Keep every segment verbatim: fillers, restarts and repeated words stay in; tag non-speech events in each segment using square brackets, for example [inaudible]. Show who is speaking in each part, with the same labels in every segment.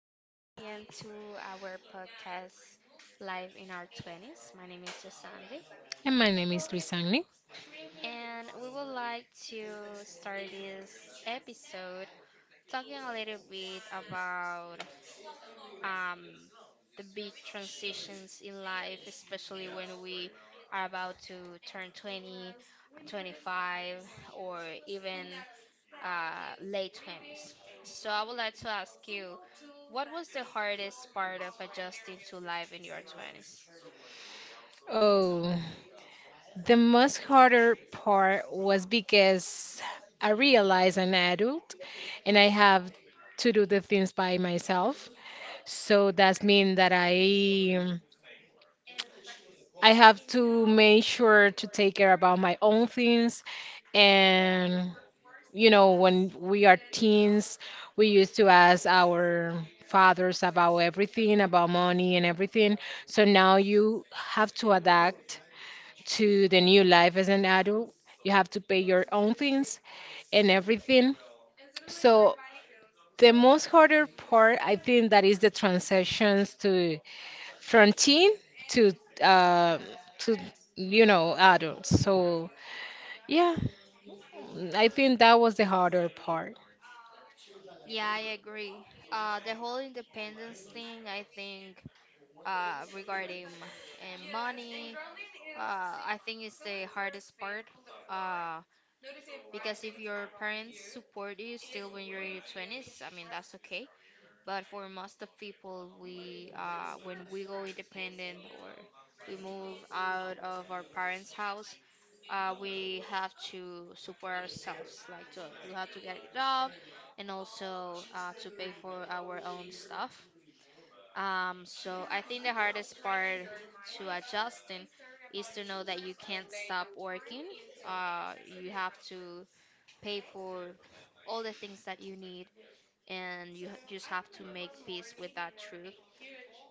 Speaker 1: welcome again to our podcast live in our twenties. My name is Yosandi,
Speaker 2: And my name is Luisani.
Speaker 1: and we would like to start this episode talking a little bit about um, the big transitions in life, especially when we are about to turn twenty, twenty-five, or even uh, late twenties. So I would like to ask you, what was the hardest part of adjusting to life in your twenties?
Speaker 2: Oh, the most harder part was because I realized I'm an adult and I have to do the things by myself. So that's mean that I I have to make sure to take care about my own things and you know when we are teens we used to ask our fathers about everything about money and everything, so now you have to adapt to the new life as an adult. You have to pay your own things and everything. So the most harder part, I think, that is the transitions to from teen to uh, to you know adults. So yeah, I think that was the harder part.
Speaker 1: Yeah, I agree. Uh, the whole independence thing, I think, uh, regarding uh, money, uh, I think it's the hardest part. Uh, because if your parents support you still when you're in your twenties, I mean, that's okay. But for most of people, we uh, when we go independent or we move out of our parents' house, uh, we have to support ourselves. Like to, we have to get a job, and also uh, to pay for our own stuff. Um, so I think the hardest part to adjusting is to know that you can't stop working. Uh, you have to pay for all the things that you need and you h- just have to make peace with that truth.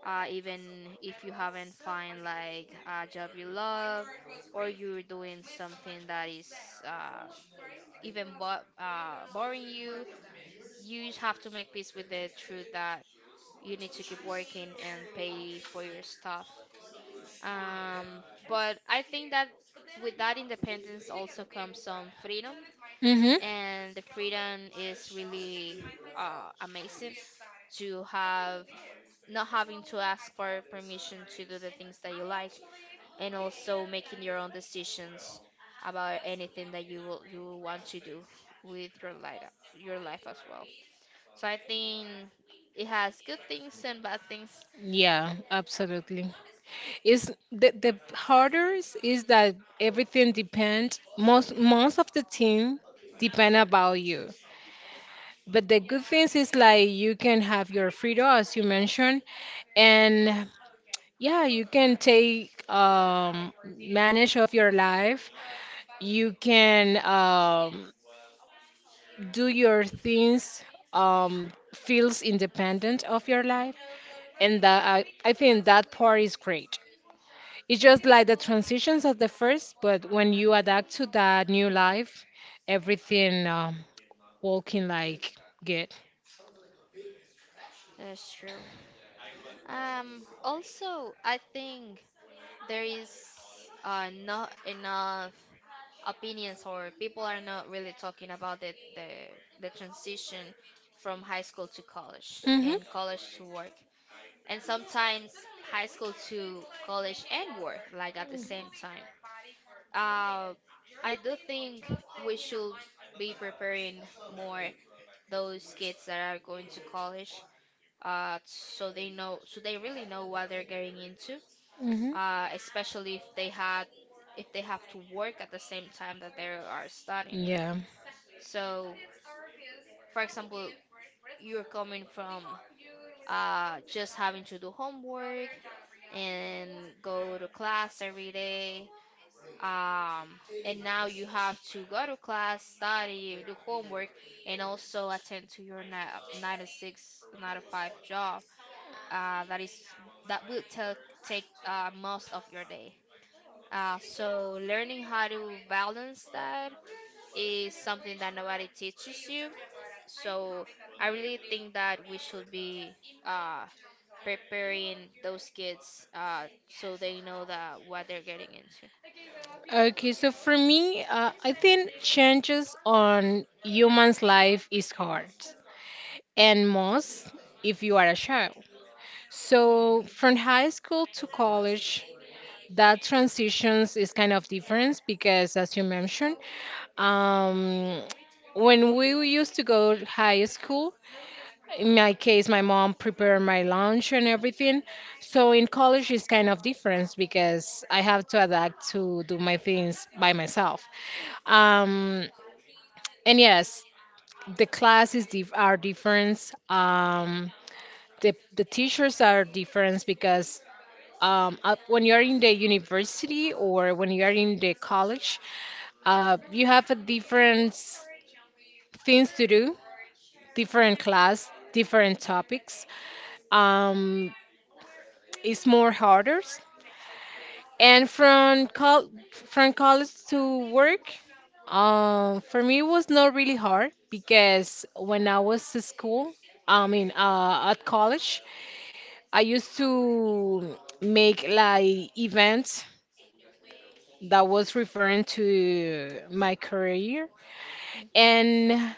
Speaker 1: Uh, even if you haven't find like a job you love, or you're doing something that is uh, even bo- uh, boring you, you just have to make peace with the truth that you need to keep working and pay for your stuff. Um, but I think that with that independence also comes some freedom,
Speaker 2: Mhm.
Speaker 1: and the freedom is really uh, amazing to have not having to ask for permission to do the things that you like and also making your own decisions about anything that you will you will want to do with your life your life as well. So I think it has good things and bad things.
Speaker 2: Yeah, absolutely. is the, the hardest is is that everything depends most most of the team depend about you, but the good things is like you can have your freedom, as you mentioned. And yeah, you can take um manage of your life, you can um do your things, um feels independent of your life. And that I, I think that part is great. It's just like the transitions of the first, but when you adapt to that new life, everything um, walking like good.
Speaker 1: That's true. Um also I think there is uh not enough opinions or people are not really talking about the the, the transition from high school to college
Speaker 2: Mhm.
Speaker 1: and college to work, and sometimes high school to college and work like at the same time. Uh, i do think we should be preparing more those kids that are going to college, uh, so they know so they really know what they're getting into,
Speaker 2: Mhm.
Speaker 1: uh, especially if they had if they have to work at the same time that they are studying.
Speaker 2: Yeah.
Speaker 1: So, for example, you're coming from uh, just having to do homework and go to class every day. Um, and now you have to go to class, study, do homework, and also attend to your ni- nine to six, nine to five job. Uh, that is that will take take uh, most of your day. Uh, so learning how to balance that is something that nobody teaches you. So I really think that we should be uh, preparing those kids, uh, so they know that what they're getting into.
Speaker 2: Okay, so for me, uh, I think changes on human's life is hard, and most if you are a child. So from high school to college, that transitions is kind of different because, as you mentioned, um, when we used to go to high school, in my case, my mom prepared my lunch and everything. So in college, it's kind of different because I have to adapt to do my things by myself. Um, and yes, the classes dif- are different. Um, the, the teachers are different because um, up when you're in the university or when you're in the college, uh, you have a different s- things to do, different class, different topics. Um, it's more harder. And from col from college to work, um, for me it was not really hard because when I was at school, I mean uh, at college, I used to make like events that was referring to my career.
Speaker 1: Mhm.
Speaker 2: And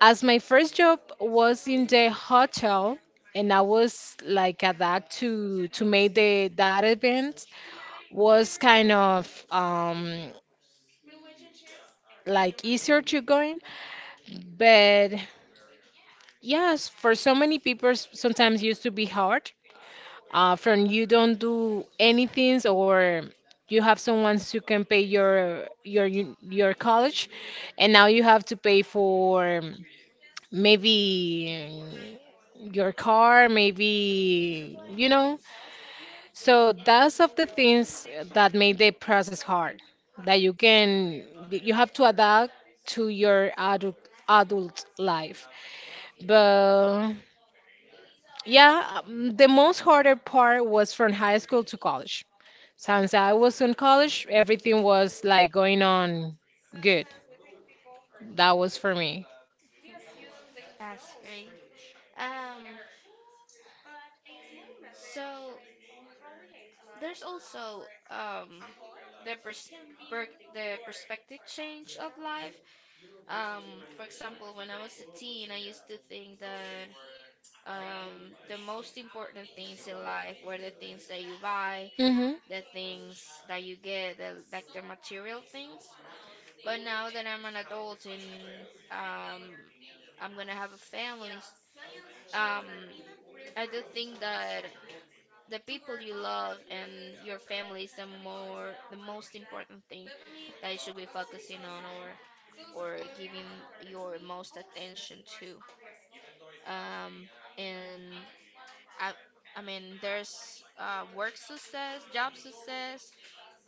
Speaker 2: as my first job was in the hotel, and I was like at that to to make the that event was kind of um like easier to go in. But yes, for so many people, s- sometimes used to be hard. Uh, from you don't do anything, or you have someone who can pay your your u- your college, and now you have to pay for maybe your car, maybe you know. So that's of the things that made the process hard. That you can you have to adapt to your adult adult life. But yeah, um, the most harder part was from high school to college. Since I was in college, everything was like going on good. That was for me.
Speaker 1: Hmm, that's great. Um, So there's also um, the persper the perspective change of life. Um, for example, when I was a teen, I used to think that um, the most important things in life were the things that you buy,
Speaker 2: Hmm.
Speaker 1: the things that you get, the, like the material things. But now that I'm an adult and um, I'm gonna have a family, s- um, I do think that the people you love and your family is the more the most important thing that you should be focusing on or or giving your most attention to. Um, and I, I mean, there's uh, work success, job success,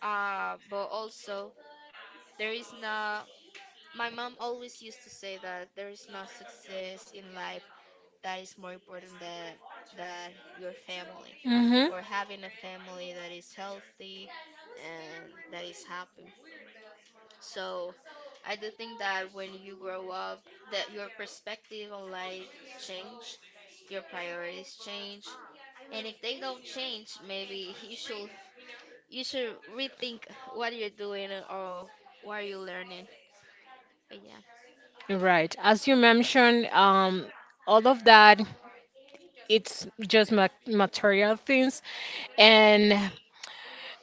Speaker 1: uh, but also there is no. My mom always used to say that there is no success in life that is more important than that your family
Speaker 2: Hmm.
Speaker 1: or having a family that is healthy and that is happy. So I do think that when you grow up that your perspective on life change, your priorities change. And if they don't change, maybe [laughs] you should you should rethink what you're doing or what you're learning. But yeah.
Speaker 2: Right. As you mentioned, um, all of that, it's just ma material things. And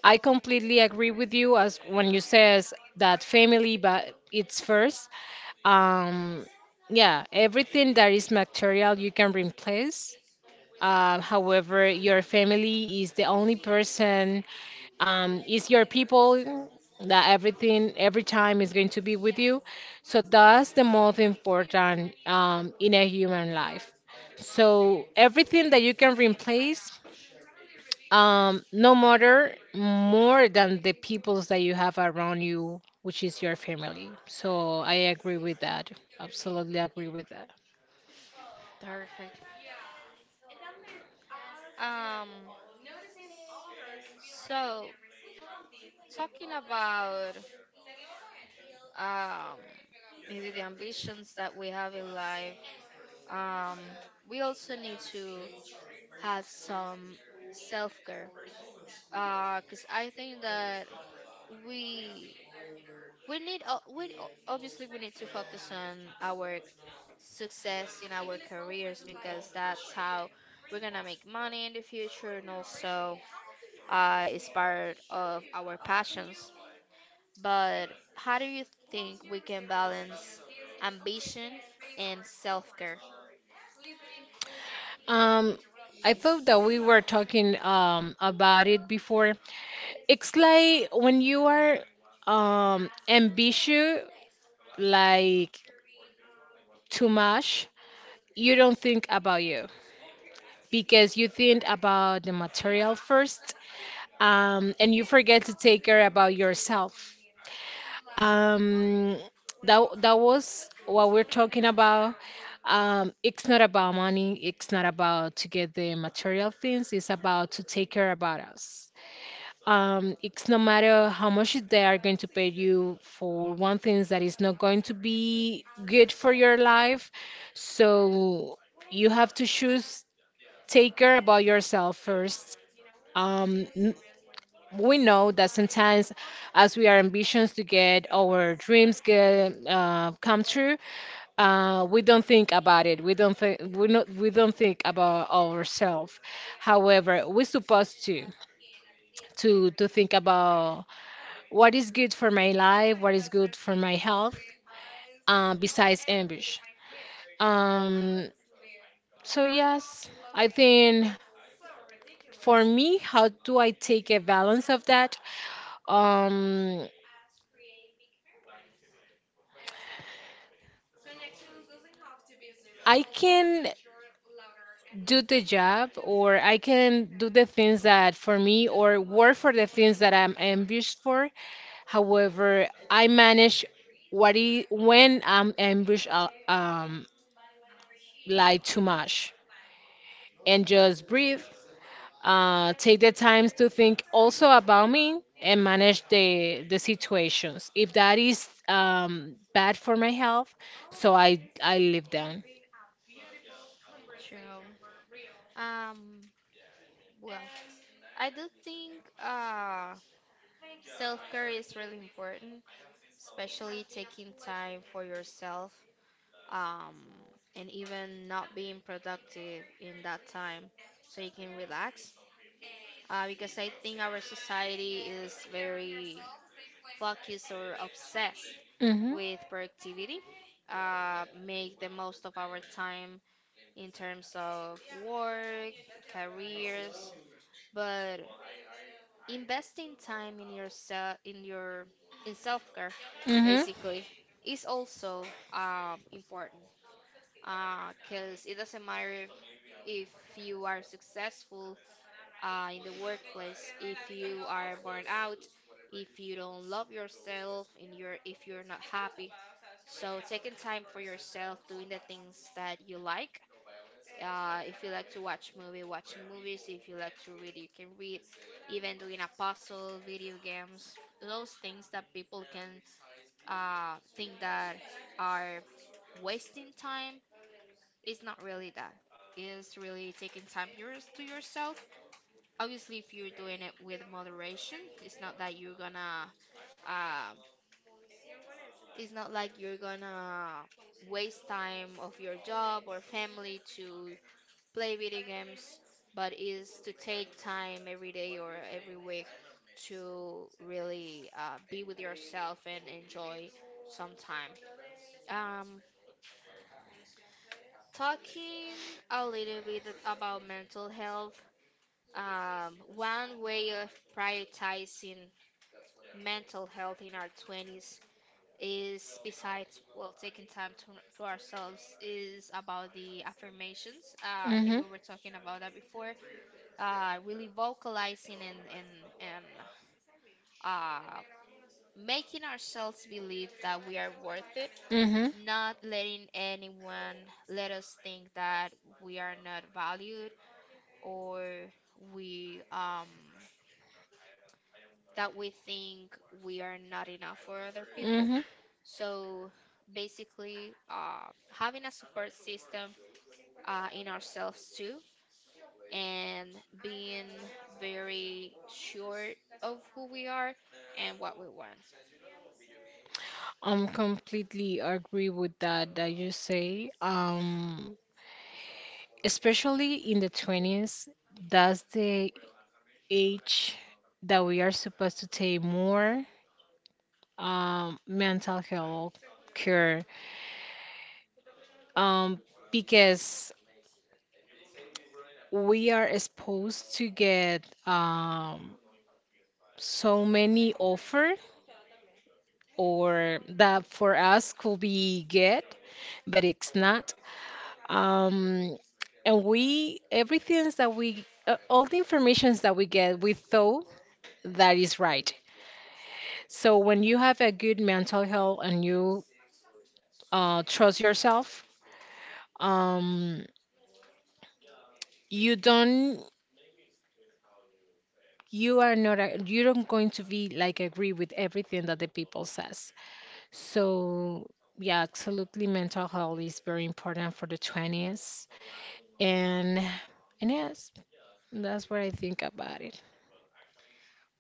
Speaker 2: I completely agree with you as when you says that family, but it's first. Um, yeah, everything that is material you can replace. Uh, however, your family is the only person, um, is your people that everything, every time is going to be with you. So that's the most important um, in a human life. So everything that you can replace, um, no matter more than the peoples that you have around you, which is your family. So I agree with that. Absolutely agree with.
Speaker 1: Perfect. Um, So, talking about um, maybe the ambitions that we have in life, um, we also need to have some self care. Because I think that we we need o- we o- obviously we need to focus on our success in our careers because that's how we're gonna make money in the future and also uh, is part of our passions. But how do you think we can balance ambition and self care?
Speaker 2: Um, I thought that we were talking um about it before. It's like when you are um ambitious, like too much, you don't think about you because you think about the material first, um, and you forget to take care about yourself. Um, that that was what we're talking about. Um, it's not about money. It's not about to get the material things. It's about to take care about us. Um, it's no matter how much they are going to pay you for one thing that is not going to be good for your life. So you have to choose, take care about yourself first. Um, n- we know that sometimes, as we are ambitious to get our dreams get uh, come true, uh, we don't think about it. We don't think we not we don't think about ourselves. However, we're supposed to to to think about what is good for my life, what is good for my health, uh, besides ambush. Um, so yes, I think for me, how do I take a balance of that? Um, I can do the job, or I can do the things that for me, or work for the things that I'm ambushed for. However, I manage what I, when I'm ambushed, uh, um, like too much, and just breathe, uh, take the time to think also about me and manage the the situations. If that is um, bad for my health, so I I live down.
Speaker 1: True. Um, well, I do think uh, self care is really important, especially taking time for yourself, um, and even not being productive in that time so you can relax. Uh, because I think our society is very focused or obsessed
Speaker 2: Mhm.
Speaker 1: with productivity, uh, make the most of our time in terms of work, careers, but investing time in yourself, in your in self-care,
Speaker 2: Mhm.
Speaker 1: basically, is also um, important because it doesn't matter if you are successful uh, in the workplace, if you are burned out, if you don't love yourself and you're if you're not happy. So taking time for yourself, doing the things that you like, uh, if you like to watch movie watching movies, if you like to read you can read, even doing a puzzle, video games, those things that people can uh, think that are wasting time, it's not really that. It's really taking time yours to yourself. Obviously if you're doing it with moderation, it's not that you're gonna uh, it's not like you're gonna waste time of your job or family to play video games, but is to take time every day or every week to really uh, be with yourself and enjoy some time. um, Talking a little bit about mental health, um, one way of prioritizing mental health in our twenties is besides, well, taking time to, to ourselves is about the affirmations. Uh, i think
Speaker 2: Mhm.
Speaker 1: we were talking about that before, uh, really vocalizing and and and uh, making ourselves believe that we are worth it, not letting anyone let us think that we are not valued, or we um that we think we are not enough for other
Speaker 2: Mhm.
Speaker 1: people.
Speaker 2: Mhm.
Speaker 1: So basically, uh, having a support system uh, in ourselves too, and being very sure of who we are and what we want.
Speaker 2: I'm completely agree with that that you say. Um, especially in the twenties, that's the age that we are supposed to take more um, mental health care. Um, because we are exposed to get um, so many offer or that for us could be get, but it's not. Um, and we everything that we uh, all the informations that we get we thought that is right. So when you have a good mental health and you uh, trust yourself, um, you don't, you are not a, you don't going to be like agree with everything that the people says. So yeah, absolutely, mental health is very important for the twenties. And and yes, that's what I think about it.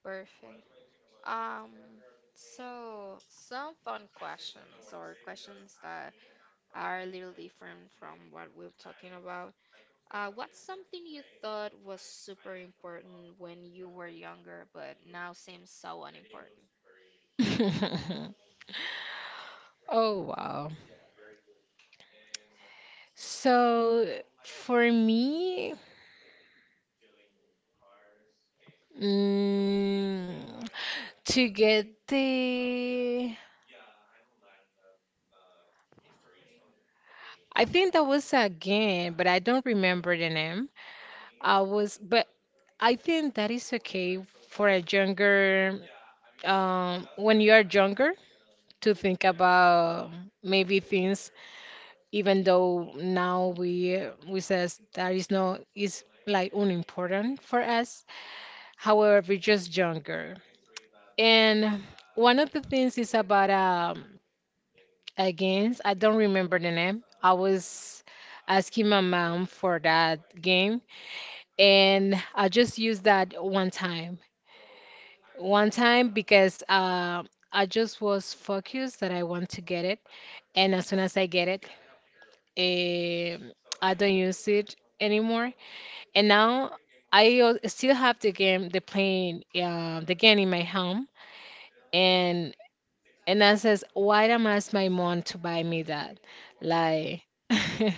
Speaker 1: Perfect. Um, so some fun questions or questions that are a little different from what we're talking about. Uh, what's something you thought was super important when you were younger, but now seems so unimportant?
Speaker 2: [laughs] Oh, wow. So for me, mm, to get the, I think that was a game, but I don't remember the name. I was, but I think that is okay for a younger, um, when you are younger, to think about maybe things, even though now we we says that is no is like unimportant for us. However, we're just younger. And one of the things is about um against I don't remember the name. I was asking my mom for that game, and I just used that one time. One time because uh, I just was focused that I want to get it, and as soon as I get it, um I don't use it anymore. And now I al- still have the game, the playing uh, the game in my home. and And I says, why am I ask my mom to buy me that? Like, [laughs] but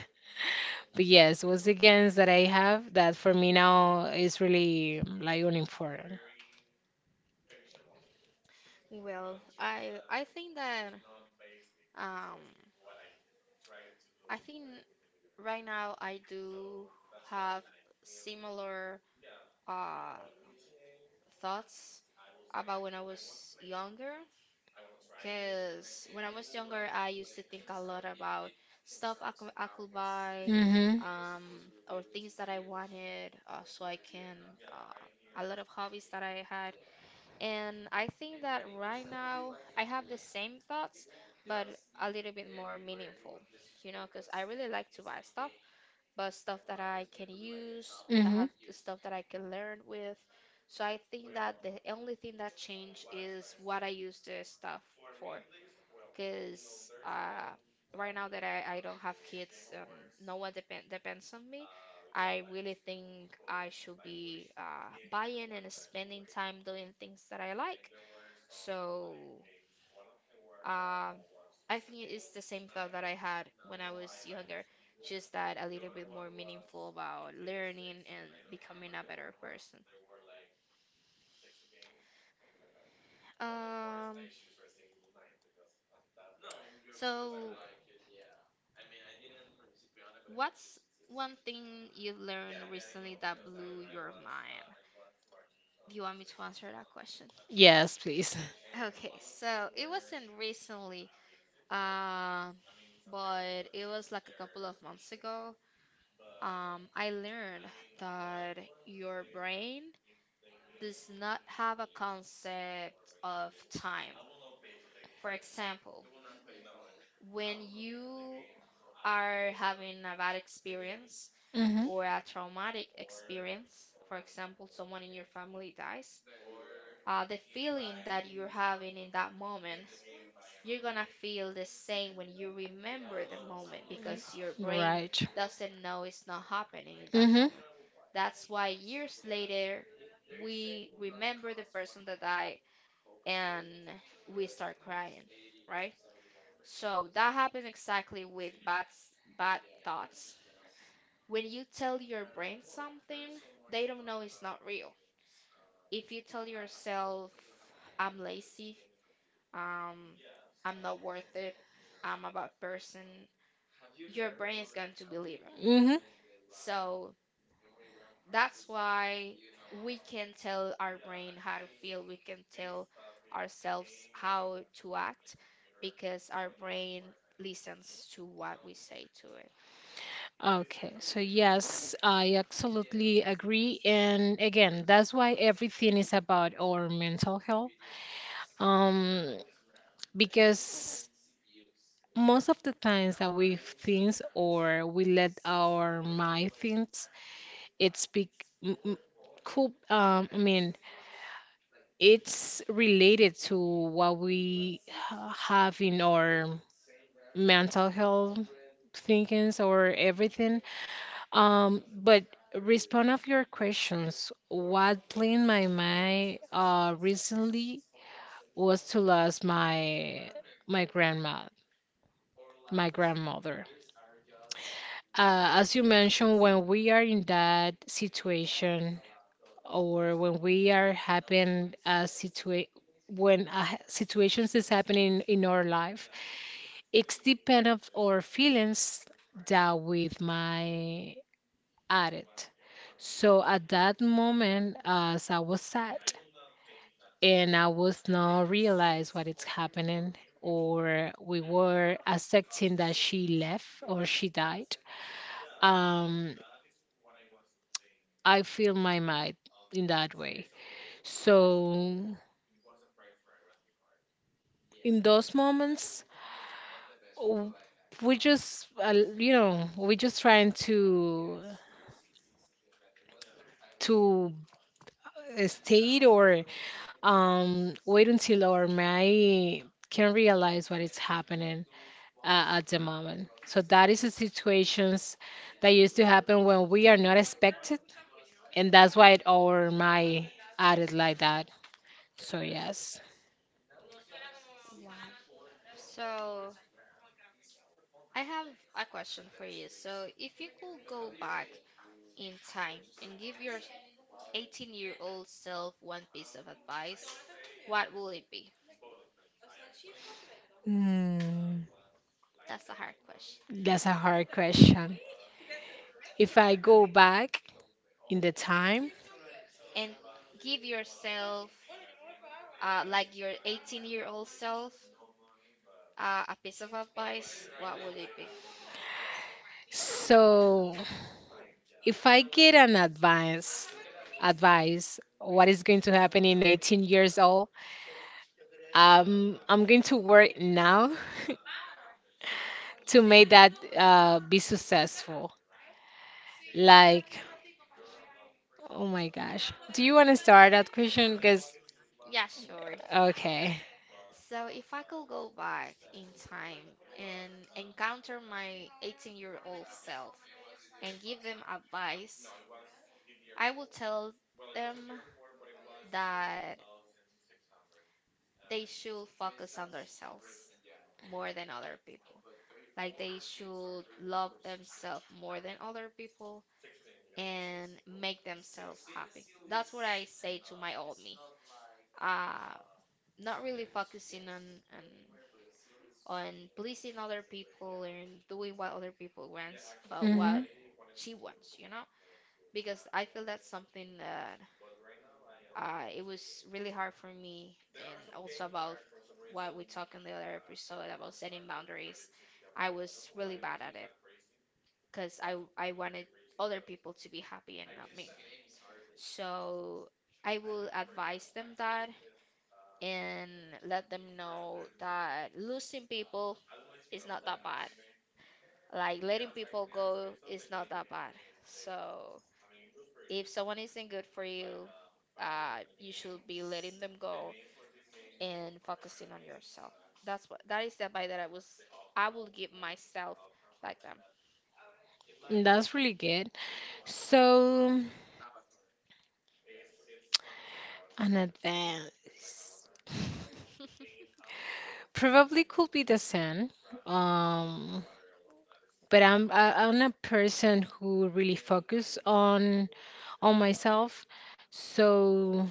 Speaker 2: yes, was the gains that I have that for me now is really like unimportant.
Speaker 1: Well, I I think that um I think right now I do have similar uh thoughts about when I was younger. Because when I was younger, I used to think a lot about stuff I could, I could buy,
Speaker 2: Mm-hmm.
Speaker 1: um, or things that I wanted, uh, so I can, uh, a lot of hobbies that I had. And I think that right now I have the same thoughts, but a little bit more meaningful, you know, because I really like to buy stuff but stuff that I can use,
Speaker 2: Mm-hmm.
Speaker 1: uh, the stuff that I can learn with. So I think that the only thing that changed is what I use the stuff for. Because uh, right now that I, I don't have kids and no one depend, depends on me, I really think I should be uh, buying and spending time doing things that I like. So. Um, I think it's the same thought that I had when I was younger, just that a little bit more meaningful about learning and becoming a better person. Um, so what's one thing you've learned recently that blew your mind? Do you want me to answer that question? [laughs]
Speaker 2: Yes, please.
Speaker 1: Okay, so it wasn't recently, um, but it was like a couple of months ago. Um, I learned that your brain does not have a concept of time. For example, when you are having a bad experience
Speaker 2: Mm-hmm.
Speaker 1: or a traumatic experience, for example, someone in your family dies, uh, the feeling that you're having in that moment, you're gonna feel the same when you remember the moment because your brain
Speaker 2: Right.
Speaker 1: doesn't know it's not happening in that
Speaker 2: Mm-hmm.
Speaker 1: moment. That's why years later, we remember the person that died and we start crying, right? So that happens exactly with bad s- bad thoughts. When you tell your brain something, they don't know it's not real. If you tell yourself, "I'm lazy," um, "I'm not worth it," "I'm a bad person," your brain is going to believe it.
Speaker 2: Mm-hmm.
Speaker 1: So that's why we can tell our brain how to feel, we can tell ourselves how to act, because our brain listens to what we say to it.
Speaker 2: Okay, so yes, I absolutely agree. And again, that's why everything is about our mental health. Um, because most of the times that we think or we let our mind think, it's big, m- m- cool, um, I mean, it's related to what we ha- have in our mental health thinkings or everything. Um, but respond of your questions. What blew my mind uh recently was to lose my my grandma, my grandmother. Uh, as you mentioned, when we are in that situation or when we are having a situation when a ha- situations is happening in our life, it's depend of our feelings that with my added. So at that moment, as I was sad and I was not realize what is happening, or we were accepting that she left or she died. Um, I feel my mind in that way. So in those moments, w- we just, uh, you know, we just trying to to stay or um wait until our mind can realize what is happening uh, at the moment. So that is the situations that used to happen when we are not expected, and that's why it over my added like that. So yes,
Speaker 1: Wow. So I have a question for you. So, if you could go back in time and give your eighteen year old self one piece of advice, what will it be?
Speaker 2: mm,
Speaker 1: That's a hard question.
Speaker 2: that's a
Speaker 1: [laughs]
Speaker 2: hard question. If I go back in the time,
Speaker 1: And give yourself, uh, like your eighteen year old self, Uh, a piece of advice, what would it be?
Speaker 2: so if I get an advice, advice, what is going to happen in eighteen years old? Um, I'm going to work now [laughs] to make that uh, be successful. Like, oh my gosh. Do you want to start that question? Because,
Speaker 1: Yeah, sure.
Speaker 2: okay.
Speaker 1: So if I could go back in time and encounter my eighteen-year-old self and give them advice, I would tell them that they should focus on themselves more than other people. Like they should love themselves more than other people and make themselves happy. That's what I say to my old me. Uh, Not really focusing on, on on pleasing other people and doing what other people wants, but
Speaker 2: Hmm.
Speaker 1: what she wants, you know? Because I feel that's something that uh, it was really hard for me, and also about what we talked in the other episode about setting boundaries. I was really bad at it because I I wanted other people to be happy and not me. So I will advise them that and let them know that losing people is not that bad. Like letting people go is not that bad. So if someone isn't good for you, uh, you should be letting them go and focusing on yourself. That's what that is the advice that I was I will give myself back then.
Speaker 2: That's really good. So, an advance.
Speaker 1: [laughs]
Speaker 2: Probably could be the sun. Um, but I'm I, I'm a person who really focus on on myself. So,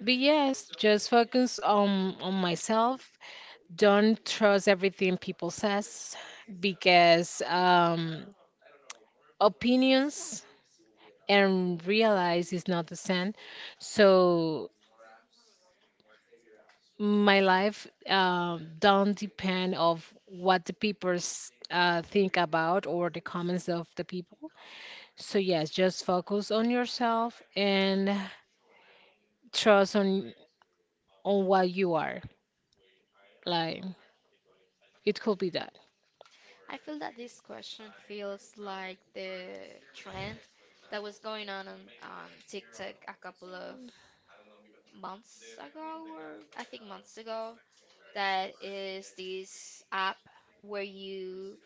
Speaker 2: but yes, just focus on on myself. Don't trust everything people says because um opinions and realize it's not the same. So my life, uh, don't depend of what the people s- uh, think about or the comments of the people. So yes, just focus on yourself and trust on on what you are. Like it could be that.
Speaker 1: I feel that this question feels like the trend that was going on on, on TikTok a couple of months ago, or I think months ago. That is this app where you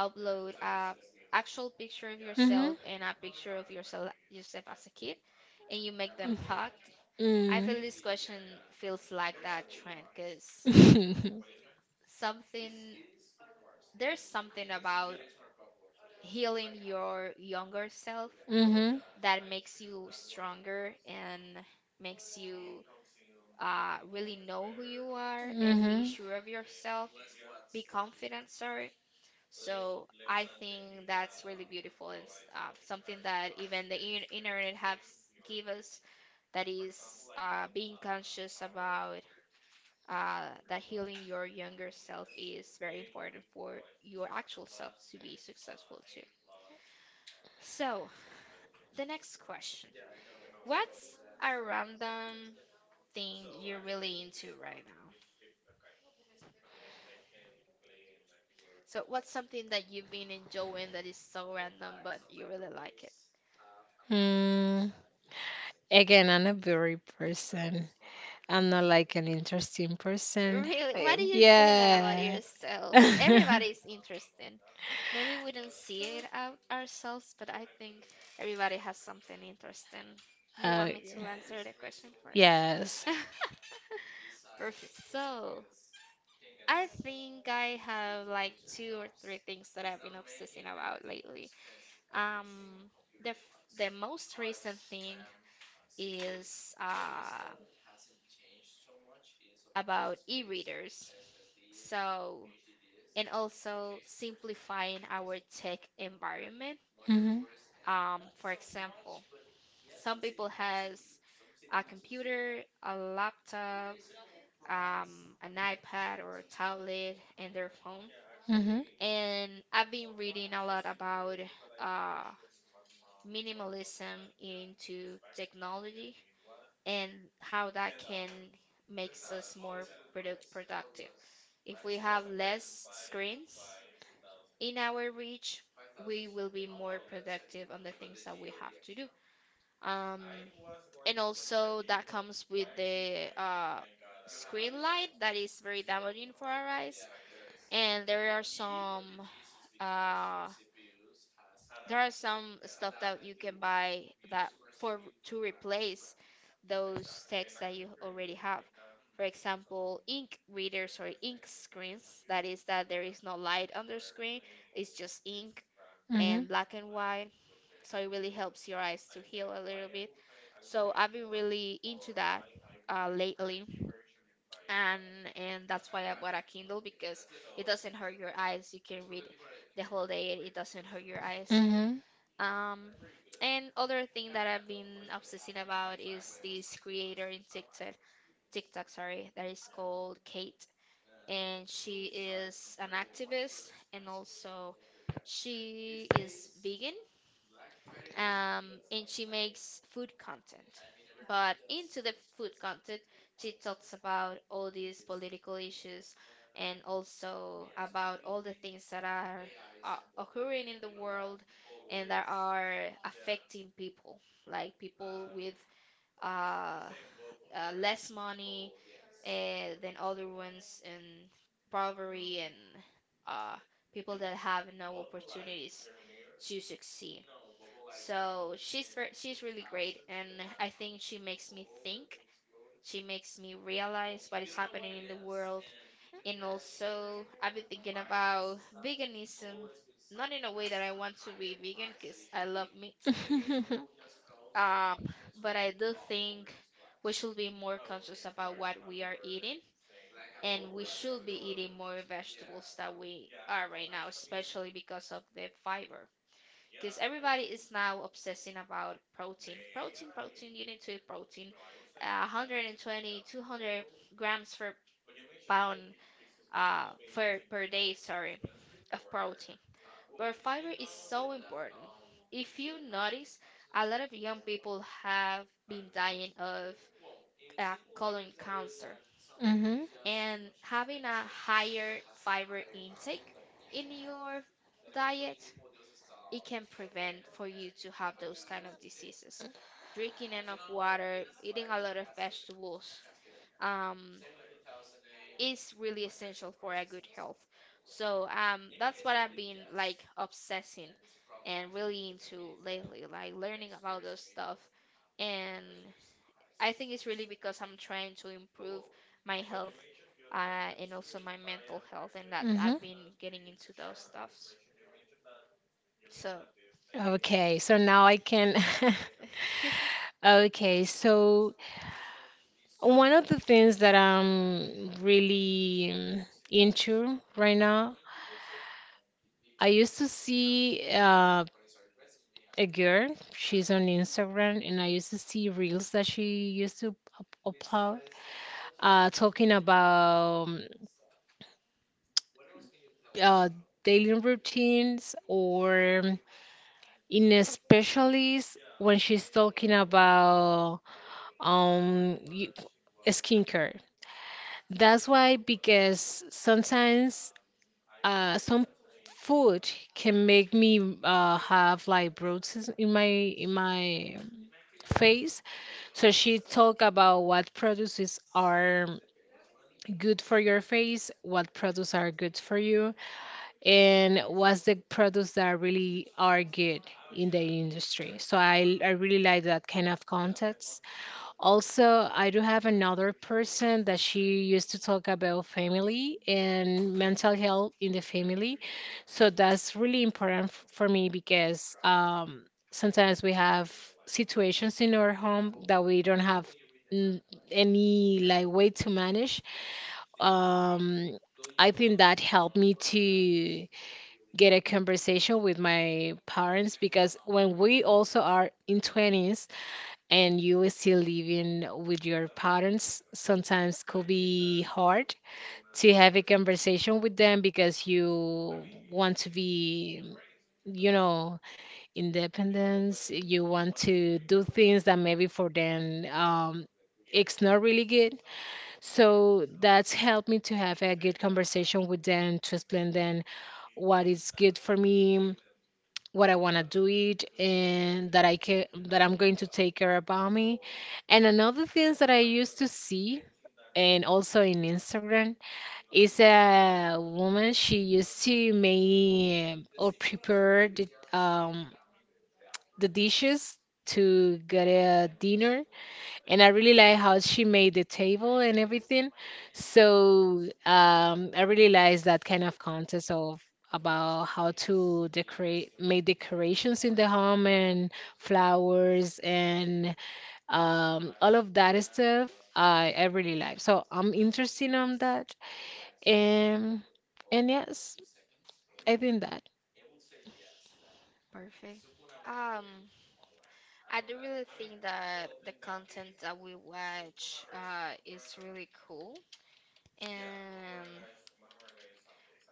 Speaker 1: upload a actual picture of
Speaker 2: Hmm.
Speaker 1: yourself and a picture of yourself yourself as a kid and you make them hug. I feel this question feels like that trend because something there's something about healing your younger self
Speaker 2: Mm.
Speaker 1: that makes you stronger and makes you uh, really know who you are
Speaker 2: [laughs] Hmm.
Speaker 1: and be
Speaker 2: Hmm.
Speaker 1: sure of yourself, be confident, sorry. So I think that's really beautiful and s- uh, something that even the in- internet has give us, that is uh, being conscious about uh, that healing your younger self is very important for your actual self to be successful too. So the next question, what's a random thing you're really into right now? So what's something that you've been enjoying that is so random but you really like it?
Speaker 2: Mm, again, I'm a very person. I'm not like an interesting person.
Speaker 1: Really,
Speaker 2: Uh,
Speaker 1: why do you say that about
Speaker 2: Yeah.
Speaker 1: yourself?
Speaker 2: [laughs]
Speaker 1: Everybody's interesting. Maybe we don't see it out ourselves, but I think everybody has something interesting. Do you
Speaker 2: Uh,
Speaker 1: want me to answer the question first?
Speaker 2: yes.
Speaker 1: [laughs] Perfect. So, I think I have like two or three things that I've been obsessing about lately. Um, the f- the most recent thing is uh, about e-readers. So, and also simplifying our tech environment.
Speaker 2: Mhm.
Speaker 1: Um, for example, some people has a computer, a laptop, um, an iPad or a tablet, and their phone.
Speaker 2: Mhm.
Speaker 1: And I've been reading a lot about uh, minimalism into technology and how that can makes us more product productive. If we have less screens in our reach, we will be more productive on the things that we have to do. Um, and also that comes with the uh, screen light that is very damaging for our eyes. And there are some uh, there are some stuff that you can buy that for to replace those texts that you already have. For example, ink readers or ink screens. That is that there is no light on the screen. It's just ink,
Speaker 2: Mhm.
Speaker 1: and black and white. So it really helps your eyes to heal a little bit. So I've been really into that uh, lately, and and that's why I bought a Kindle because it doesn't hurt your eyes. You can read the whole day, and it doesn't hurt your
Speaker 2: Mhm.
Speaker 1: eyes.
Speaker 2: Mhm.
Speaker 1: Um, and other thing that I've been obsessing about is this creator in TikTok, TikTok, sorry, that is called Kate, and she is an activist and also she is vegan. Um, and she makes food content. But into the food content, she talks about all these political issues and also about all the things that are uh, occurring in the world and that are affecting people, like people with uh, uh, less money uh, than other ones, and poverty, and uh, people that have no opportunities to succeed. So she's very, she's really great, and I think she makes me think. She makes me realize what is happening in the world, and also I've been thinking about veganism, not in a way that I want to be vegan, cause I love meat, um, but I do think we should be more conscious about what we are eating, and we should be eating more vegetables than we are right now, especially because of the fiber. Because everybody is now obsessing about protein. Protein, protein, you need to eat protein. Uh, one hundred twenty, two hundred grams per pound uh, for, per day, sorry, of protein. But fiber is so important. If you notice, a lot of young people have been dying of uh, colon cancer, and having a higher fiber intake in your diet, it can prevent for you to have those kind of diseases. Drinking enough water, eating a lot of vegetables, um, is really essential for a good health. So um, that's what I've been like obsessing and really into lately, like learning about those stuff. And I think it's really because I'm trying to improve my health uh, and also my mental health, and that
Speaker 2: Mhm.
Speaker 1: I've
Speaker 2: [laughs]
Speaker 1: been getting into those stuffs. So
Speaker 2: Okay, so now I can. [laughs]
Speaker 1: [laughs]
Speaker 2: Okay, so one of the things that I'm really um, into right now. I used to see uh, a girl, she's on Instagram, and I used to see reels that she used to up- upload uh, talking about um, uh, daily routines, or in a specialist when she's talking about um, y- skincare. That's why, because sometimes uh, some food can make me uh, have like bruises in my in my face. So she talked about what products is, are good for your face, what products are good for you, and what's the products that really are good in the industry. So I I really like that kind of content. Also, I do have another person that she used to talk about family and mental health in the family. So that's really important f- for me because um, sometimes we have situations in our home that we don't have mm, any like way to manage. Um, I think that helped me to get a conversation with my parents because when we also are in twenties, and you still living with your parents, sometimes could be hard to have a conversation with them because you want to be, you know, independence. You want to do things that maybe for them um, it's not really good. So that's helped me to have a good conversation with them to explain them what is good for me, what I want to do it, and that I can, that I'm going to take care about me. And another things that I used to see and also in Instagram is a woman, she used to make or prepare the um the dishes to get a dinner, and I really like how she made the table and everything. So um, I really like that kind of contest of about how to decorate, make decorations in the home, and flowers, and um, all of that stuff. I I really like. So I'm interested on that, and and yes, I think that.
Speaker 1: perfect. Um, I do really think that the content that we watch uh, is really cool, and.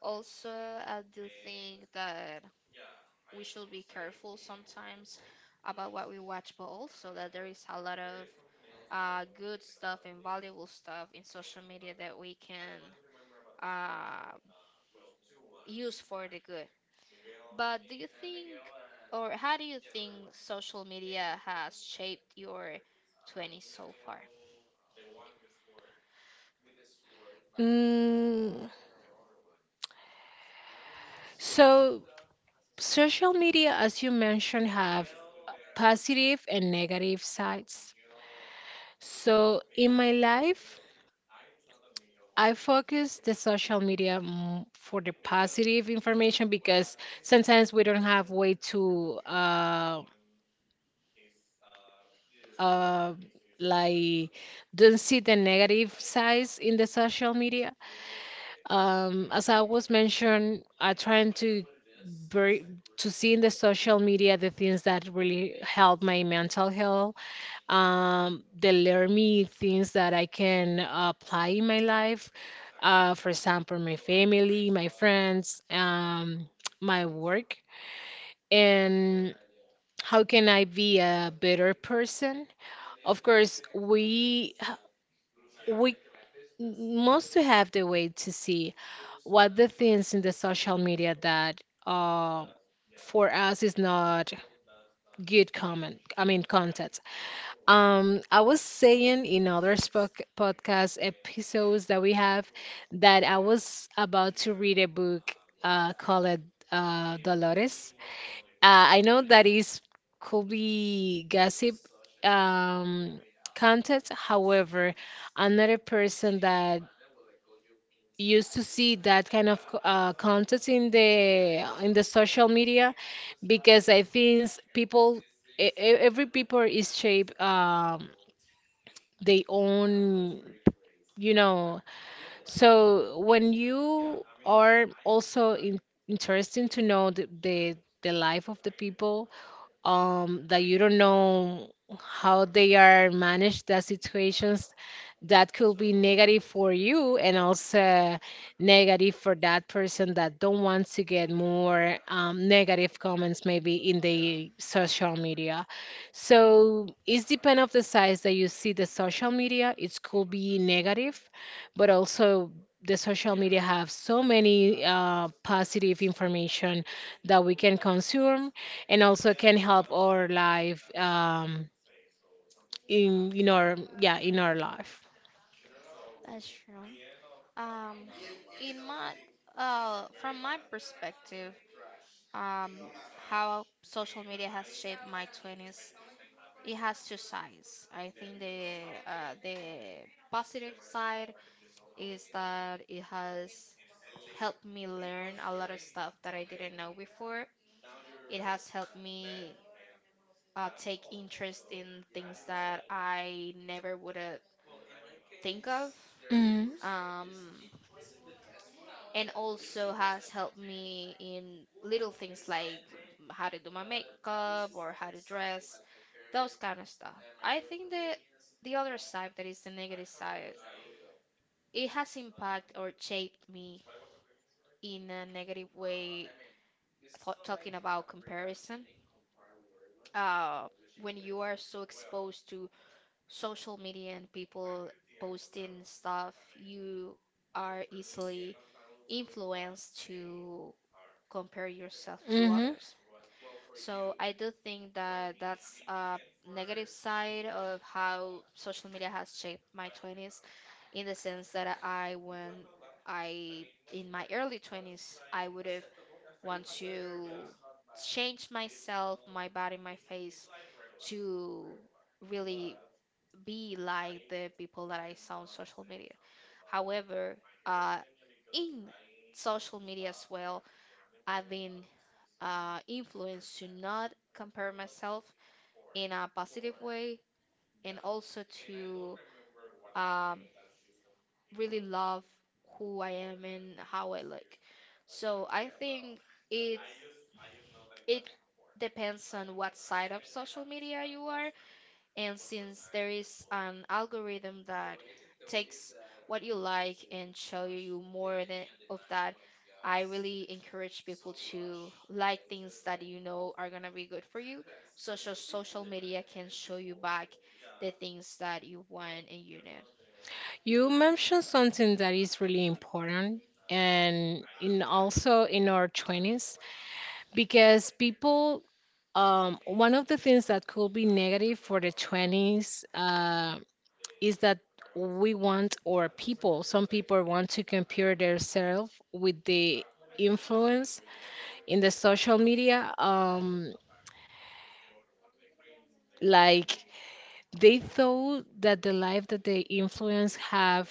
Speaker 1: Also, I do think that we should be careful sometimes about what we watch, but also that there is a lot of uh, good stuff and valuable stuff in social media that we can uh, use for the good. But do you think, or how do you think social media has shaped your twenties so far?
Speaker 2: Mm, so social media, as you mentioned, have positive and negative sides. So in my life, I focus the social media m- for the positive information because sometimes we don't have way to uh, uh, like don't see the negative sides in the social media. Um, as I was mentioned, I trying to very to see in the social media the things that really help my mental health, um they learn me things that I can apply in my life. uh, for example, my family, my friends, um, [tsk] my work, and how can I be a better person? Of course, we we must to have the way to see what the things in the social media that uh, for us is not good comment. I mean content. Um, I was saying in other spoc podcast episodes that we have that I was about to read a book uh, called uh, Dolores. Uh, I know that is, could be gossip um, content. However, another person that used to see that kind of co- uh, content in the in the social media, because I think people, e- e- every people is shaped. Um, they own, you know. So when you are also in, interesting to know the, the the life of the people, um, that you don't know how they are managed, the situations that could be negative for you and also negative for that person that don't want to get more um, negative comments maybe in the social media. So it's depend of the size that you see the social media. It could be negative, but also the social media have so many uh, positive information that we can consume and also can help our life um, in in our, yeah, in our life.
Speaker 1: That's true. Um, in my uh, From my perspective, um, how social media has shaped my twenties. It has two sides. I think the uh, the positive side is that it has helped me learn a lot of stuff that I didn't know before. It has helped me uh, take interest in things that I never would have think of.
Speaker 2: Hmm.
Speaker 1: Um, and also has helped me in little things like how to do my makeup or how to dress, those kind of stuff. I think the the other side, that is the negative side, it has impacted or shaped me in a negative way. Th- talking about comparison, uh, when you are so exposed to social media and people posting stuff, you are easily influenced to compare yourself to
Speaker 2: Hmm.
Speaker 1: others. So I do think that that's a negative side of how social media has shaped my twenties, in the sense that I, when I, in my early twenties, I would have want to change myself, my body, my face to really be like the people that I saw on social media. However, uh, in social media as well, I've been uh, influence to not compare myself in a positive way, and also to um, really love who I am and how I look. So I think it it depends on what side of social media you are, and since there is an algorithm that takes what you like and show you more than of that, I really encourage people to like things that you know are gonna be good for you. Social social media can show you back the things that you want and you need.
Speaker 2: You mentioned something that is really important, and in also in our twenties, because people, um, one of the things that could be negative for the twenties uh, is that we want, or people, some people want to compare themselves with the influence in the social media. um, Like they thought that the life that they influence have,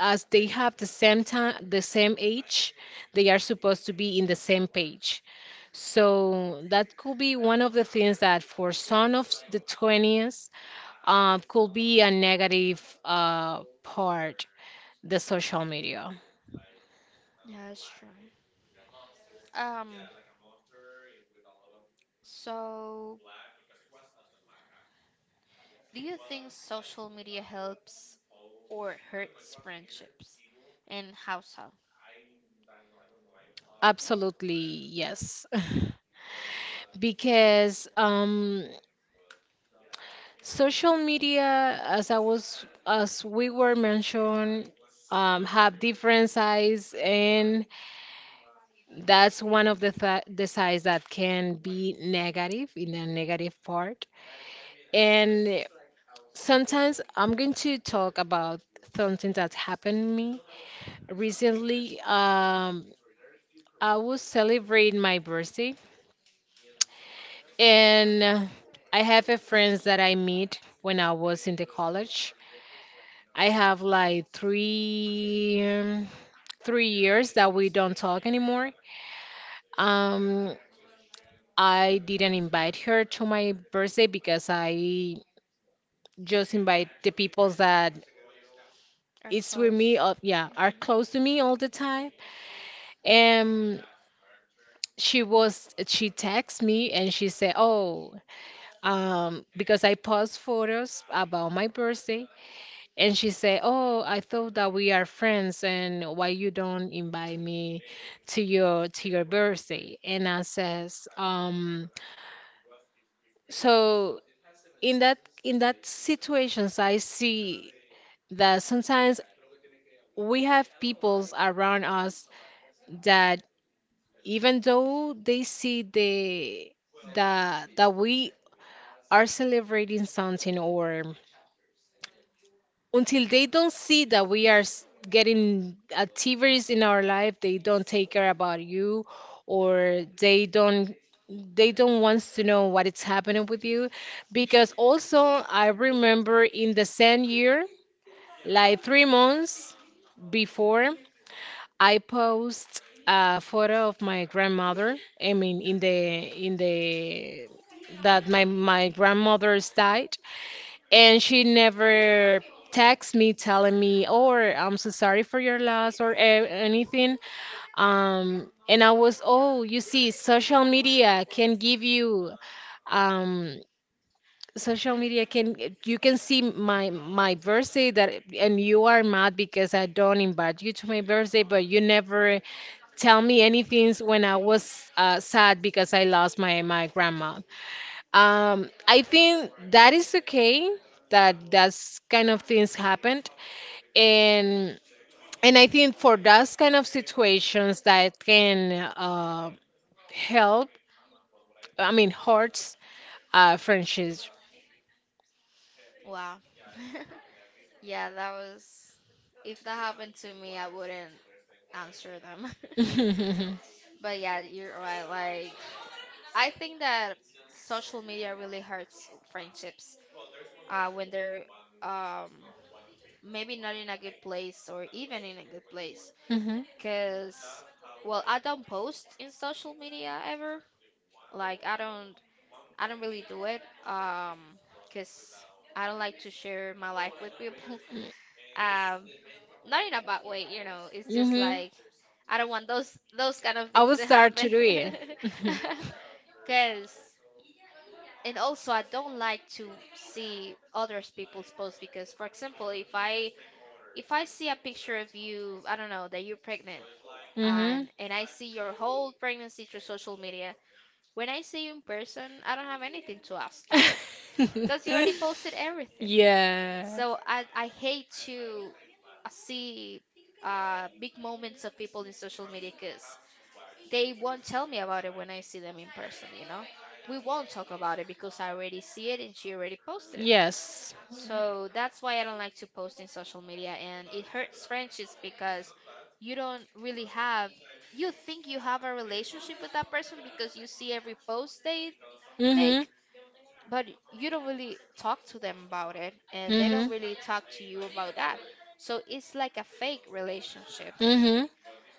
Speaker 2: as they have the same time, the same age, they are supposed to be in the same page. So that could be one of the things that for some of the twenties, um, could be a negative uh, part, the social media.
Speaker 1: Yeah, that's true. Um, so do you think social media helps or hurts friendships? And how so?
Speaker 2: Absolutely, yes. [laughs] Because um, social media, as I was, as we were mentioned, um, have different size, and that's one of the th the size that can be negative in the negative part. And sometimes I'm going to talk about something that happened to me recently. Um, I was celebrating my birthday, and I have a friends that I meet when I was in the college. I have like three um, three years that we don't talk anymore. Um, I didn't invite her to my birthday because I just invite the people that
Speaker 1: Are
Speaker 2: is with
Speaker 1: close?
Speaker 2: me, uh, yeah, are
Speaker 1: Mhm.
Speaker 2: close to me all the time. And she was she texted me and she said, "Oh, um, because I post photos about my birthday," and she said, "Oh, I thought that we are friends, and why you don't invite me to your to your birthday?" And I says, "Um, so in that in that situations, I see that sometimes we have peoples around us that, even though they see the that that we are celebrating something, or until they don't see that we are s- getting activities in our life, they don't take care about you, or they don't they don't want to know what is happening with you. Because also I remember, in the same year, like three months before, I post a photo of my grandmother, I mean in the, in the, that my my grandmother's died, and she never texts me telling me, or I'm so sorry for your loss, or a- anything. um and I was, oh, you see, social media can give you um social media can, you can see my my birthday, that, and you are mad because I don't invite you to my birthday, but you never tell me anything when I was uh, sad because I lost my my grandma. um, I think that is okay, that that's kind of things happened, and and I think for those kind of situations that can uh, help, I mean hurts uh, friendships." [laughs]
Speaker 1: Wow. [laughs] Yeah, that was. If that happened to me, I wouldn't answer them. [laughs]
Speaker 2: Mhm.
Speaker 1: But yeah, you're right. Like, I think that social media really hurts friendships uh, when they're um, maybe not in a good place or even in a good place.
Speaker 2: Mhm.
Speaker 1: Cause, well, I don't post in social media ever. Like, I don't, I don't really do it. Um, cause I don't like to share my life with people. [laughs] Um, not in a bad way, you know. It's just
Speaker 2: Mhm.
Speaker 1: like I don't want those those kind of
Speaker 2: I
Speaker 1: things
Speaker 2: will
Speaker 1: to
Speaker 2: start to
Speaker 1: happen.
Speaker 2: do it. [laughs]
Speaker 1: [laughs] Cause and also I don't like to see others people's posts, because for example if I if I see a picture of you, I don't know that you're pregnant, and
Speaker 2: Mhm.
Speaker 1: and I see your whole pregnancy through social media, when I see you in person I don't have anything to ask to you because you already posted
Speaker 2: [laughs]
Speaker 1: everything.
Speaker 2: Yeah.
Speaker 1: So I I hate to uh, see uh big moments of people in social media because they won't tell me about it when I see them in person, you know? We won't talk about it because I already see it and she already posted it.
Speaker 2: Yes.
Speaker 1: So that's why I don't like to post in social media, and it hurts friendships because you don't really have, you think you have a relationship with that person because you see every post they
Speaker 2: Mhm.
Speaker 1: make, but you don't really talk to them about it and they
Speaker 2: Mm-hmm.
Speaker 1: don't really talk to you about that. So it's like a fake relationship.
Speaker 2: Mm-hmm.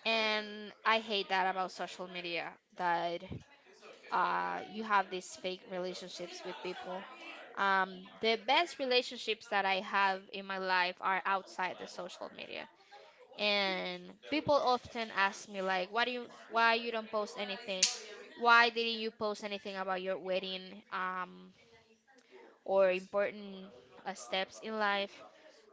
Speaker 1: And I hate that about social media that uh, you have these fake relationships with people. Um, the best relationships that I have in my life are outside the social media. And people often ask me like, "Why do you why you don't post anything? Why didn't you post anything about your wedding um, or important uh, steps in life?"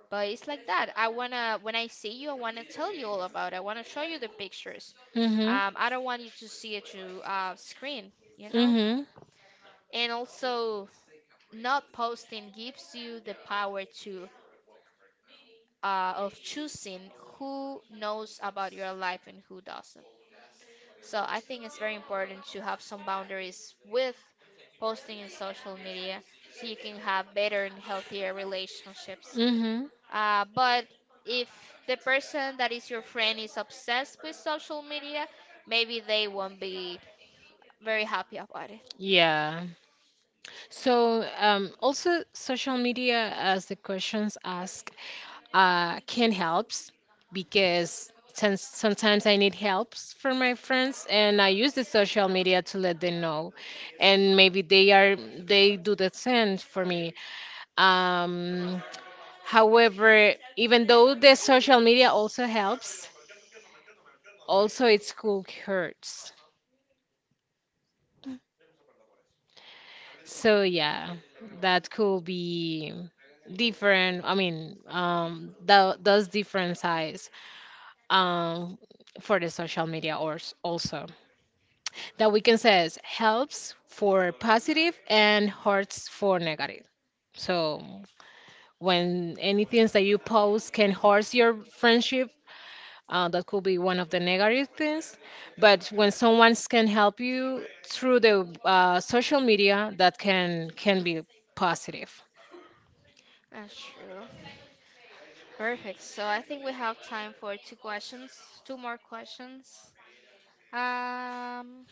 Speaker 1: But it's like that. I wanna when I see you, I wanna tell you all about it. I wanna show you the pictures.
Speaker 2: Mm-hmm.
Speaker 1: Um, I don't want you to see it through uh, screen, you know.
Speaker 2: Mm-hmm.
Speaker 1: And also, not posting gives you the power to uh, of choosing who knows about your life and who doesn't, so I think it's very important to have some boundaries with posting in social media so you can have better and healthier relationships,
Speaker 2: Mm-hmm.
Speaker 1: uh, but if the person that is your friend is obsessed with social media, maybe they won't be very happy about it.
Speaker 2: Yeah. So, um, also social media, as the questions ask, uh, can helps, because since sometimes I need helps from my friends, and I use the social media to let them know, and maybe they are they do the same for me. Um, however, even though the social media also helps, also it could hurts. So yeah, that could be different. I mean, um, tho- those different sides um, for the social media, or s- also, that we can say is helps for positive and hurts for negative. So when anything that you post can hurt your friendship, Uh, that could be one of the negative things. But when someone can help you through the uh, social media, that can can be positive.
Speaker 1: That's true. Perfect. So I think we have time for two questions, two more questions. Um,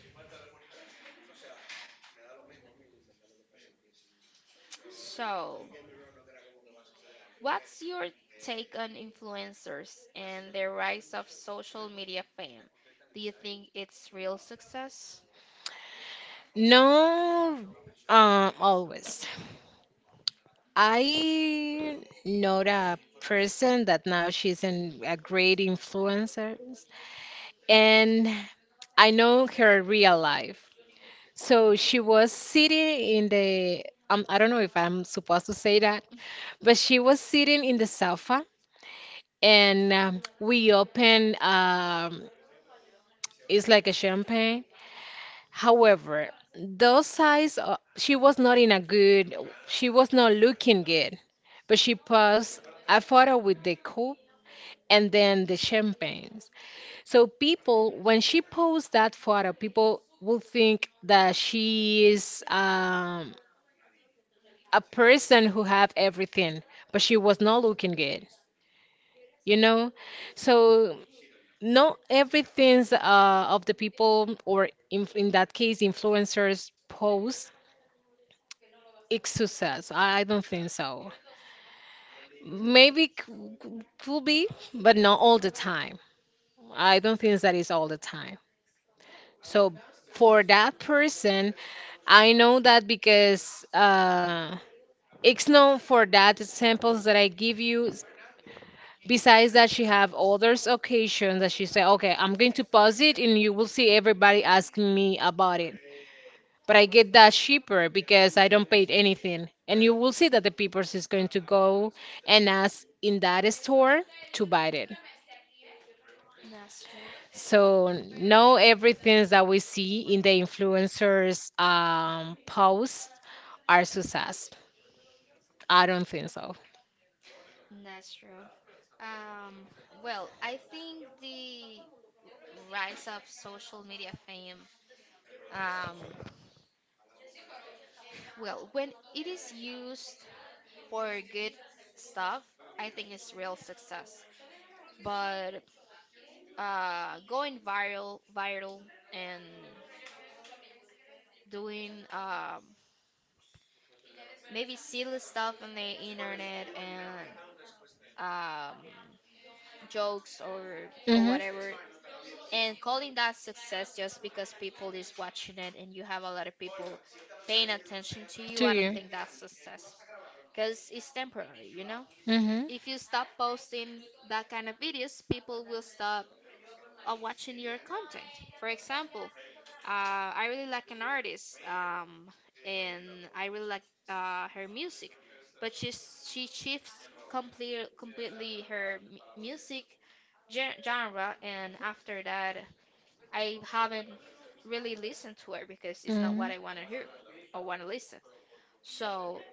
Speaker 1: so what's your take on influencers and the rise of social media fame? Do you think it's real success?
Speaker 2: No, uh, always. I know a person that now she's an, a great influencer, and I know her real life. So she was sitting in the, um, I don't know if I'm supposed to say that,
Speaker 1: [laughs]
Speaker 2: but she was sitting in the sofa, and um, we open um, it's like a champagne. However, those eyes, uh, she was not in a good, she was not looking good, but she posed a photo with the cup, and then the champagnes. So people, when she posed that photo, people will think that she is um, a person who have everything, but she was not looking good, you know. So not everything's uh, of the people, or in, in that case, influencers post is success. I, I don't think so. Maybe c- c- could be, but not all the time. I don't think that is all the time. So for that person, I know that because uh, it's not for that samples that I give you. Besides that, she have others occasions that she say, okay, I'm going to pause it and you will see everybody asking me about it. But I get that cheaper because I don't pay anything. And you will see that the people is going to go and ask in that store to buy it.
Speaker 1: That's true.
Speaker 2: So no everything that we see in the influencers um, posts are success. I don't think so.
Speaker 1: That's true. Um, well, I think the rise of social media fame, um, well, when it is used for good stuff, I think is real success. But uh, going viral, viral, and doing um, maybe silly stuff on the internet and um, jokes or or
Speaker 2: Mhm.
Speaker 1: whatever, and calling that success just because people is watching it and you have a lot of people paying attention to you,
Speaker 2: To
Speaker 1: I don't
Speaker 2: you.
Speaker 1: think that's success. Because it's temporary, you know?
Speaker 2: Mhm.
Speaker 1: If you stop posting that kind of videos, people will stop uh, watching your content. For example, uh, I really like an artist, um, and I really like uh, her music, but she's she shifts complete, completely her mu- music gen- genre, and after that, I haven't really listened to her because it's not
Speaker 2: Mhm.
Speaker 1: what I want to hear or want to listen. So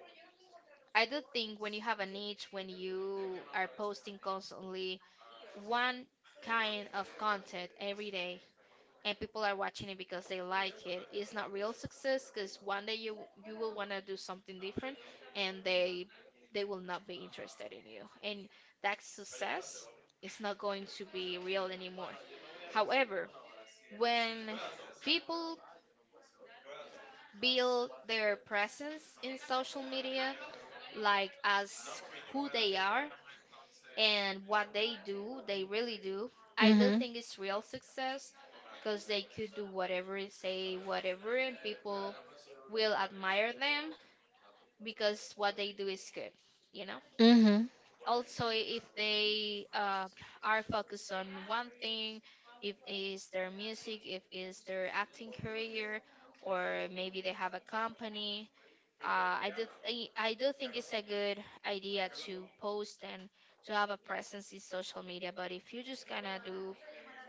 Speaker 1: I do think when you have a niche, when you are posting constantly one kind of content every day, and people are watching it because they like it. It's not real success because one day you you will want to do something different, and they they will not be interested in you, and that success is not going to be real anymore. However, when people build their presence in social media, like as who they are and what they do, they really do. I do
Speaker 2: Mhm.
Speaker 1: think it's real success because they could do whatever, say whatever, and people will admire them because what they do is good, you know.
Speaker 2: Mhm.
Speaker 1: Also, i- if they uh, are focused on one thing, if it's their music, if it's their acting career, or maybe they have a company, uh, I do th- I I do think it's a good idea to post and to have a presence in social media. But if you're just gonna do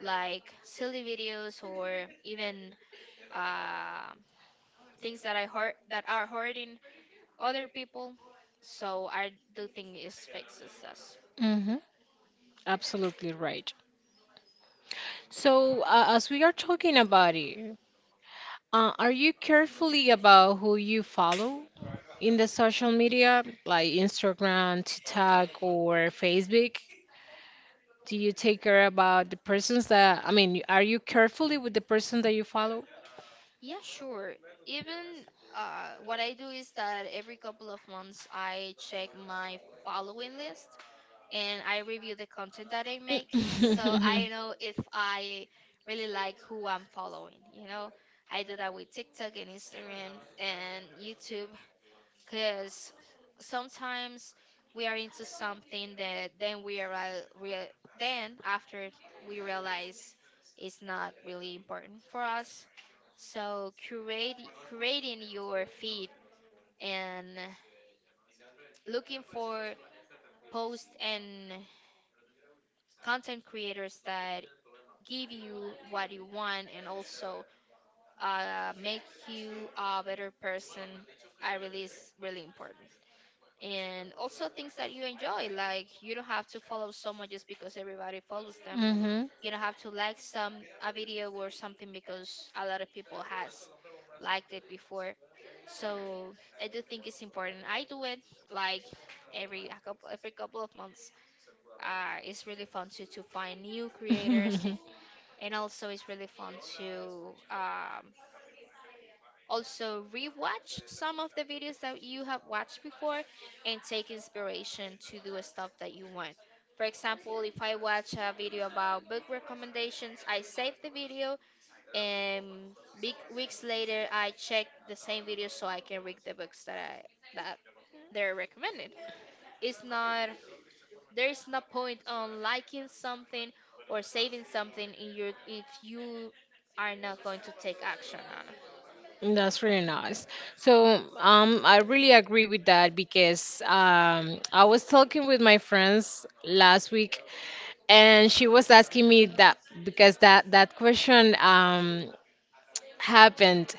Speaker 1: like silly videos or even uh, things that I hurt that are hurting other people. So I do think it fixes us.
Speaker 2: Mhm. Absolutely right. So, uh, as we are talking about it, uh, are you carefully about who you follow in the social media, like Instagram, TikTok, or Facebook? Do you take care about the persons that, I mean, are you carefully with the person that you follow?
Speaker 1: Yeah, sure. Even uh, what I do is that every couple of months I check my following list and I review the content that I make so I
Speaker 2: [laughs]
Speaker 1: know if I really like who I'm following, you know. I do that with TikTok and Instagram and YouTube, because sometimes we are into something that then we are real, real- then after we realize it's not really important for us, so curate, creating your feed and looking for posts and content creators that give you what you want and also uh, make you a better person, I really is really important. And also things that you enjoy, like you don't have to follow someone just because everybody follows them. You don't have to like some a video or something because a lot of people has
Speaker 2: Mhm.
Speaker 1: liked it before. So I do think it's important. I do it like every a couple every couple of months. Uh it's really fun to to find new creators
Speaker 2: [laughs]
Speaker 1: and also it's really fun to um also rewatch some of the videos that you have watched before and take inspiration to do stuff that you want. For example, if I watch a video about book recommendations, I save the video and big weeks later I check the same video so I can read the books that I that they're recommended. It's not There is no point on liking something or saving something in your if you are not going to take action on
Speaker 2: That's really nice. So, um, I really agree with that because um, I was talking with my friends last week, and she was asking me that because that that question um happened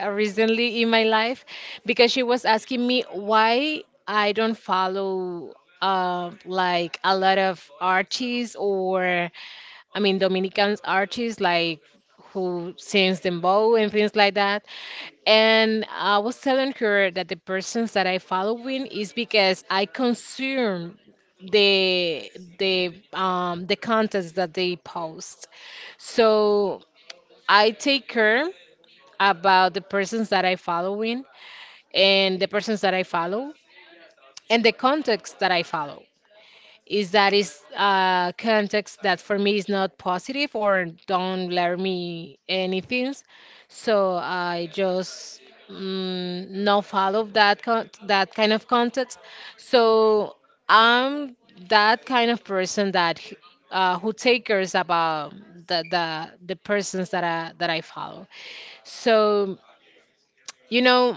Speaker 2: uh, recently in my life because she was asking me why I don't follow uh, like a lot of artists, or I mean Dominicans artists like who sings dembow and things like that. And I was telling her that the persons that I following is because I consume the the um the contents that they post. So I take care about the persons that I following, and the persons that I follow, and the context that I follow is that is uh, context that for me is not positive or don't learn me anything. So I just mm, no follow that con- that kind of context. So I'm that kind of person that h- uh, who takers about the, the the persons that I that I follow. So you know,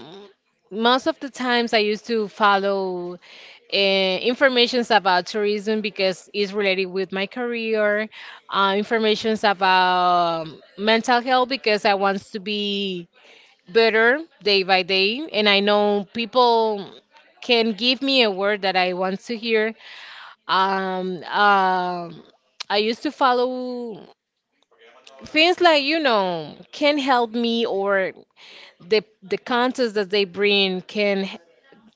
Speaker 2: most of the times I used to follow uh, informations about tourism because it's related with my career, uh, informations about um, mental health because I want to be better day by day. And I know people can give me a word that I want to hear. Um, um I used to follow things like, you know, can help me, or the the contents that they bring can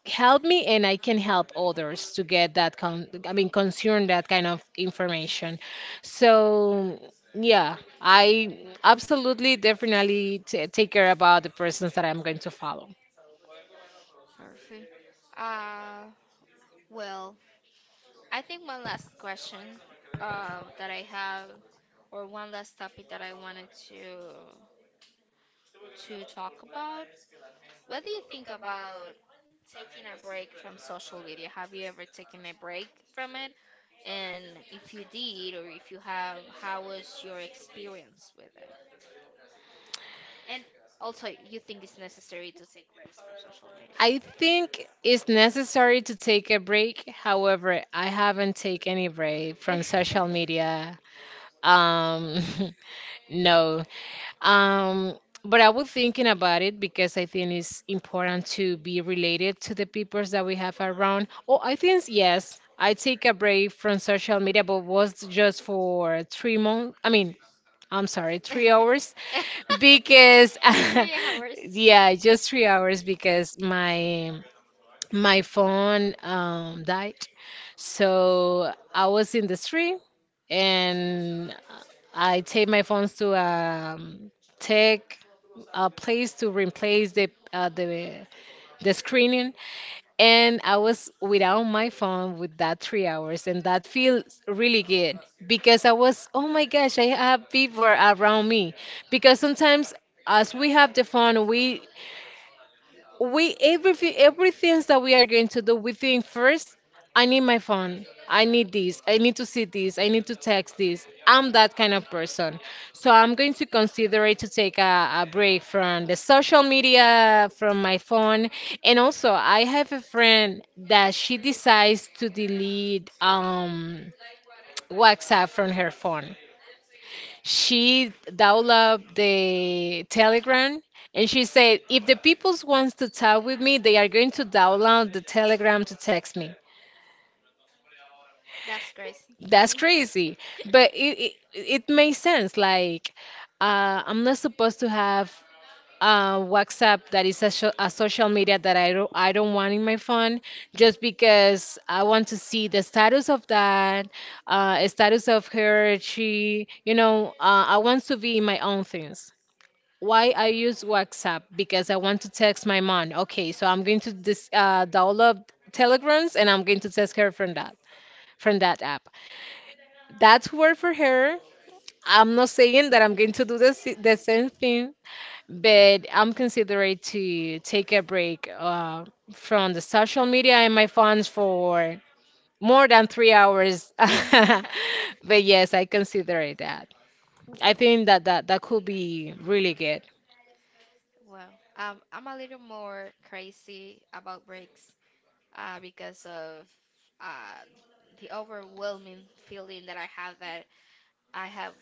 Speaker 2: help me, and I can help others to get that con I mean concern that kind of information. So yeah, I absolutely definitely t take care about the persons that I'm going to follow.
Speaker 1: it. Perfect. Uh, Well, I think one last question um, that I have, or one last topic that I wanted to to talk about. What do you think about taking a break from social media? Have you ever taken a break from it? And if you did, or if you have, how was your experience with it? And also, you think it's necessary to take breaks from social
Speaker 2: I think it's necessary to take a break. However, I haven't taken any break
Speaker 1: media?
Speaker 2: from social media. Um, [laughs] no. Um, but I was thinking about it because I think it's important to be related to the people that we have around. Oh, I think yes, I take a break from social media, but was just for three months. I mean, I'm sorry, three hours
Speaker 1: [laughs]
Speaker 2: [laughs] because
Speaker 1: Three
Speaker 2: [laughs]
Speaker 1: hours.
Speaker 2: yeah, just three hours because my my phone um died. So I was in the street, and I take my phones to um, tech a place to replace the uh, the the screening, and I was without my phone with that three hours, and that feels really good because I was oh my gosh, I have people around me. Because sometimes, as we have the phone, we we everything everything that we are going to do, we think first, I need my phone, I need this, I need to see this, I need to text this. I'm that kind of person, so I'm going to consider it to take a, a break from the social media, from my phone. And also, I have a friend that she decides to delete um WhatsApp from her phone. She downloaded the Telegram, and she said, if the people wants to talk with me, they are going to download the Telegram to text me.
Speaker 1: That's crazy.
Speaker 2: That's
Speaker 1: [laughs]
Speaker 2: crazy, but it it, it makes sense. Like, uh, I'm not supposed to have uh, WhatsApp, that is a, sho- a social media that I don't I don't want in my phone, just because I want to see the status of that, uh, status of her. She, you know, uh, I want to be in my own things. Why I use WhatsApp? Because I want to text my mom. Okay, so I'm going to dis uh, download Telegrams, and I'm going to text her from that from that app. That's work for her. I'm not saying that I'm going to do the, s- the same thing, but I'm considering to take a break uh, from the social media and my phones for more than three hours. [laughs]
Speaker 1: Yeah.
Speaker 2: But yes, I consider it that. I think that that, that could be really good.
Speaker 1: Well, um, I'm a little more crazy about breaks, uh, because of uh the overwhelming feeling that I have that I have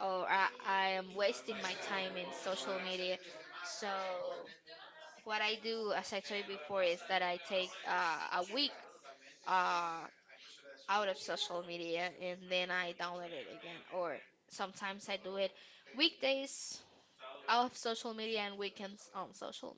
Speaker 1: or I, I am wasting my time in social media. So what I do, as I told you before, is that I take uh, a week uh out of social media and then I download it again. Or sometimes I do it weekdays off social media and weekends on social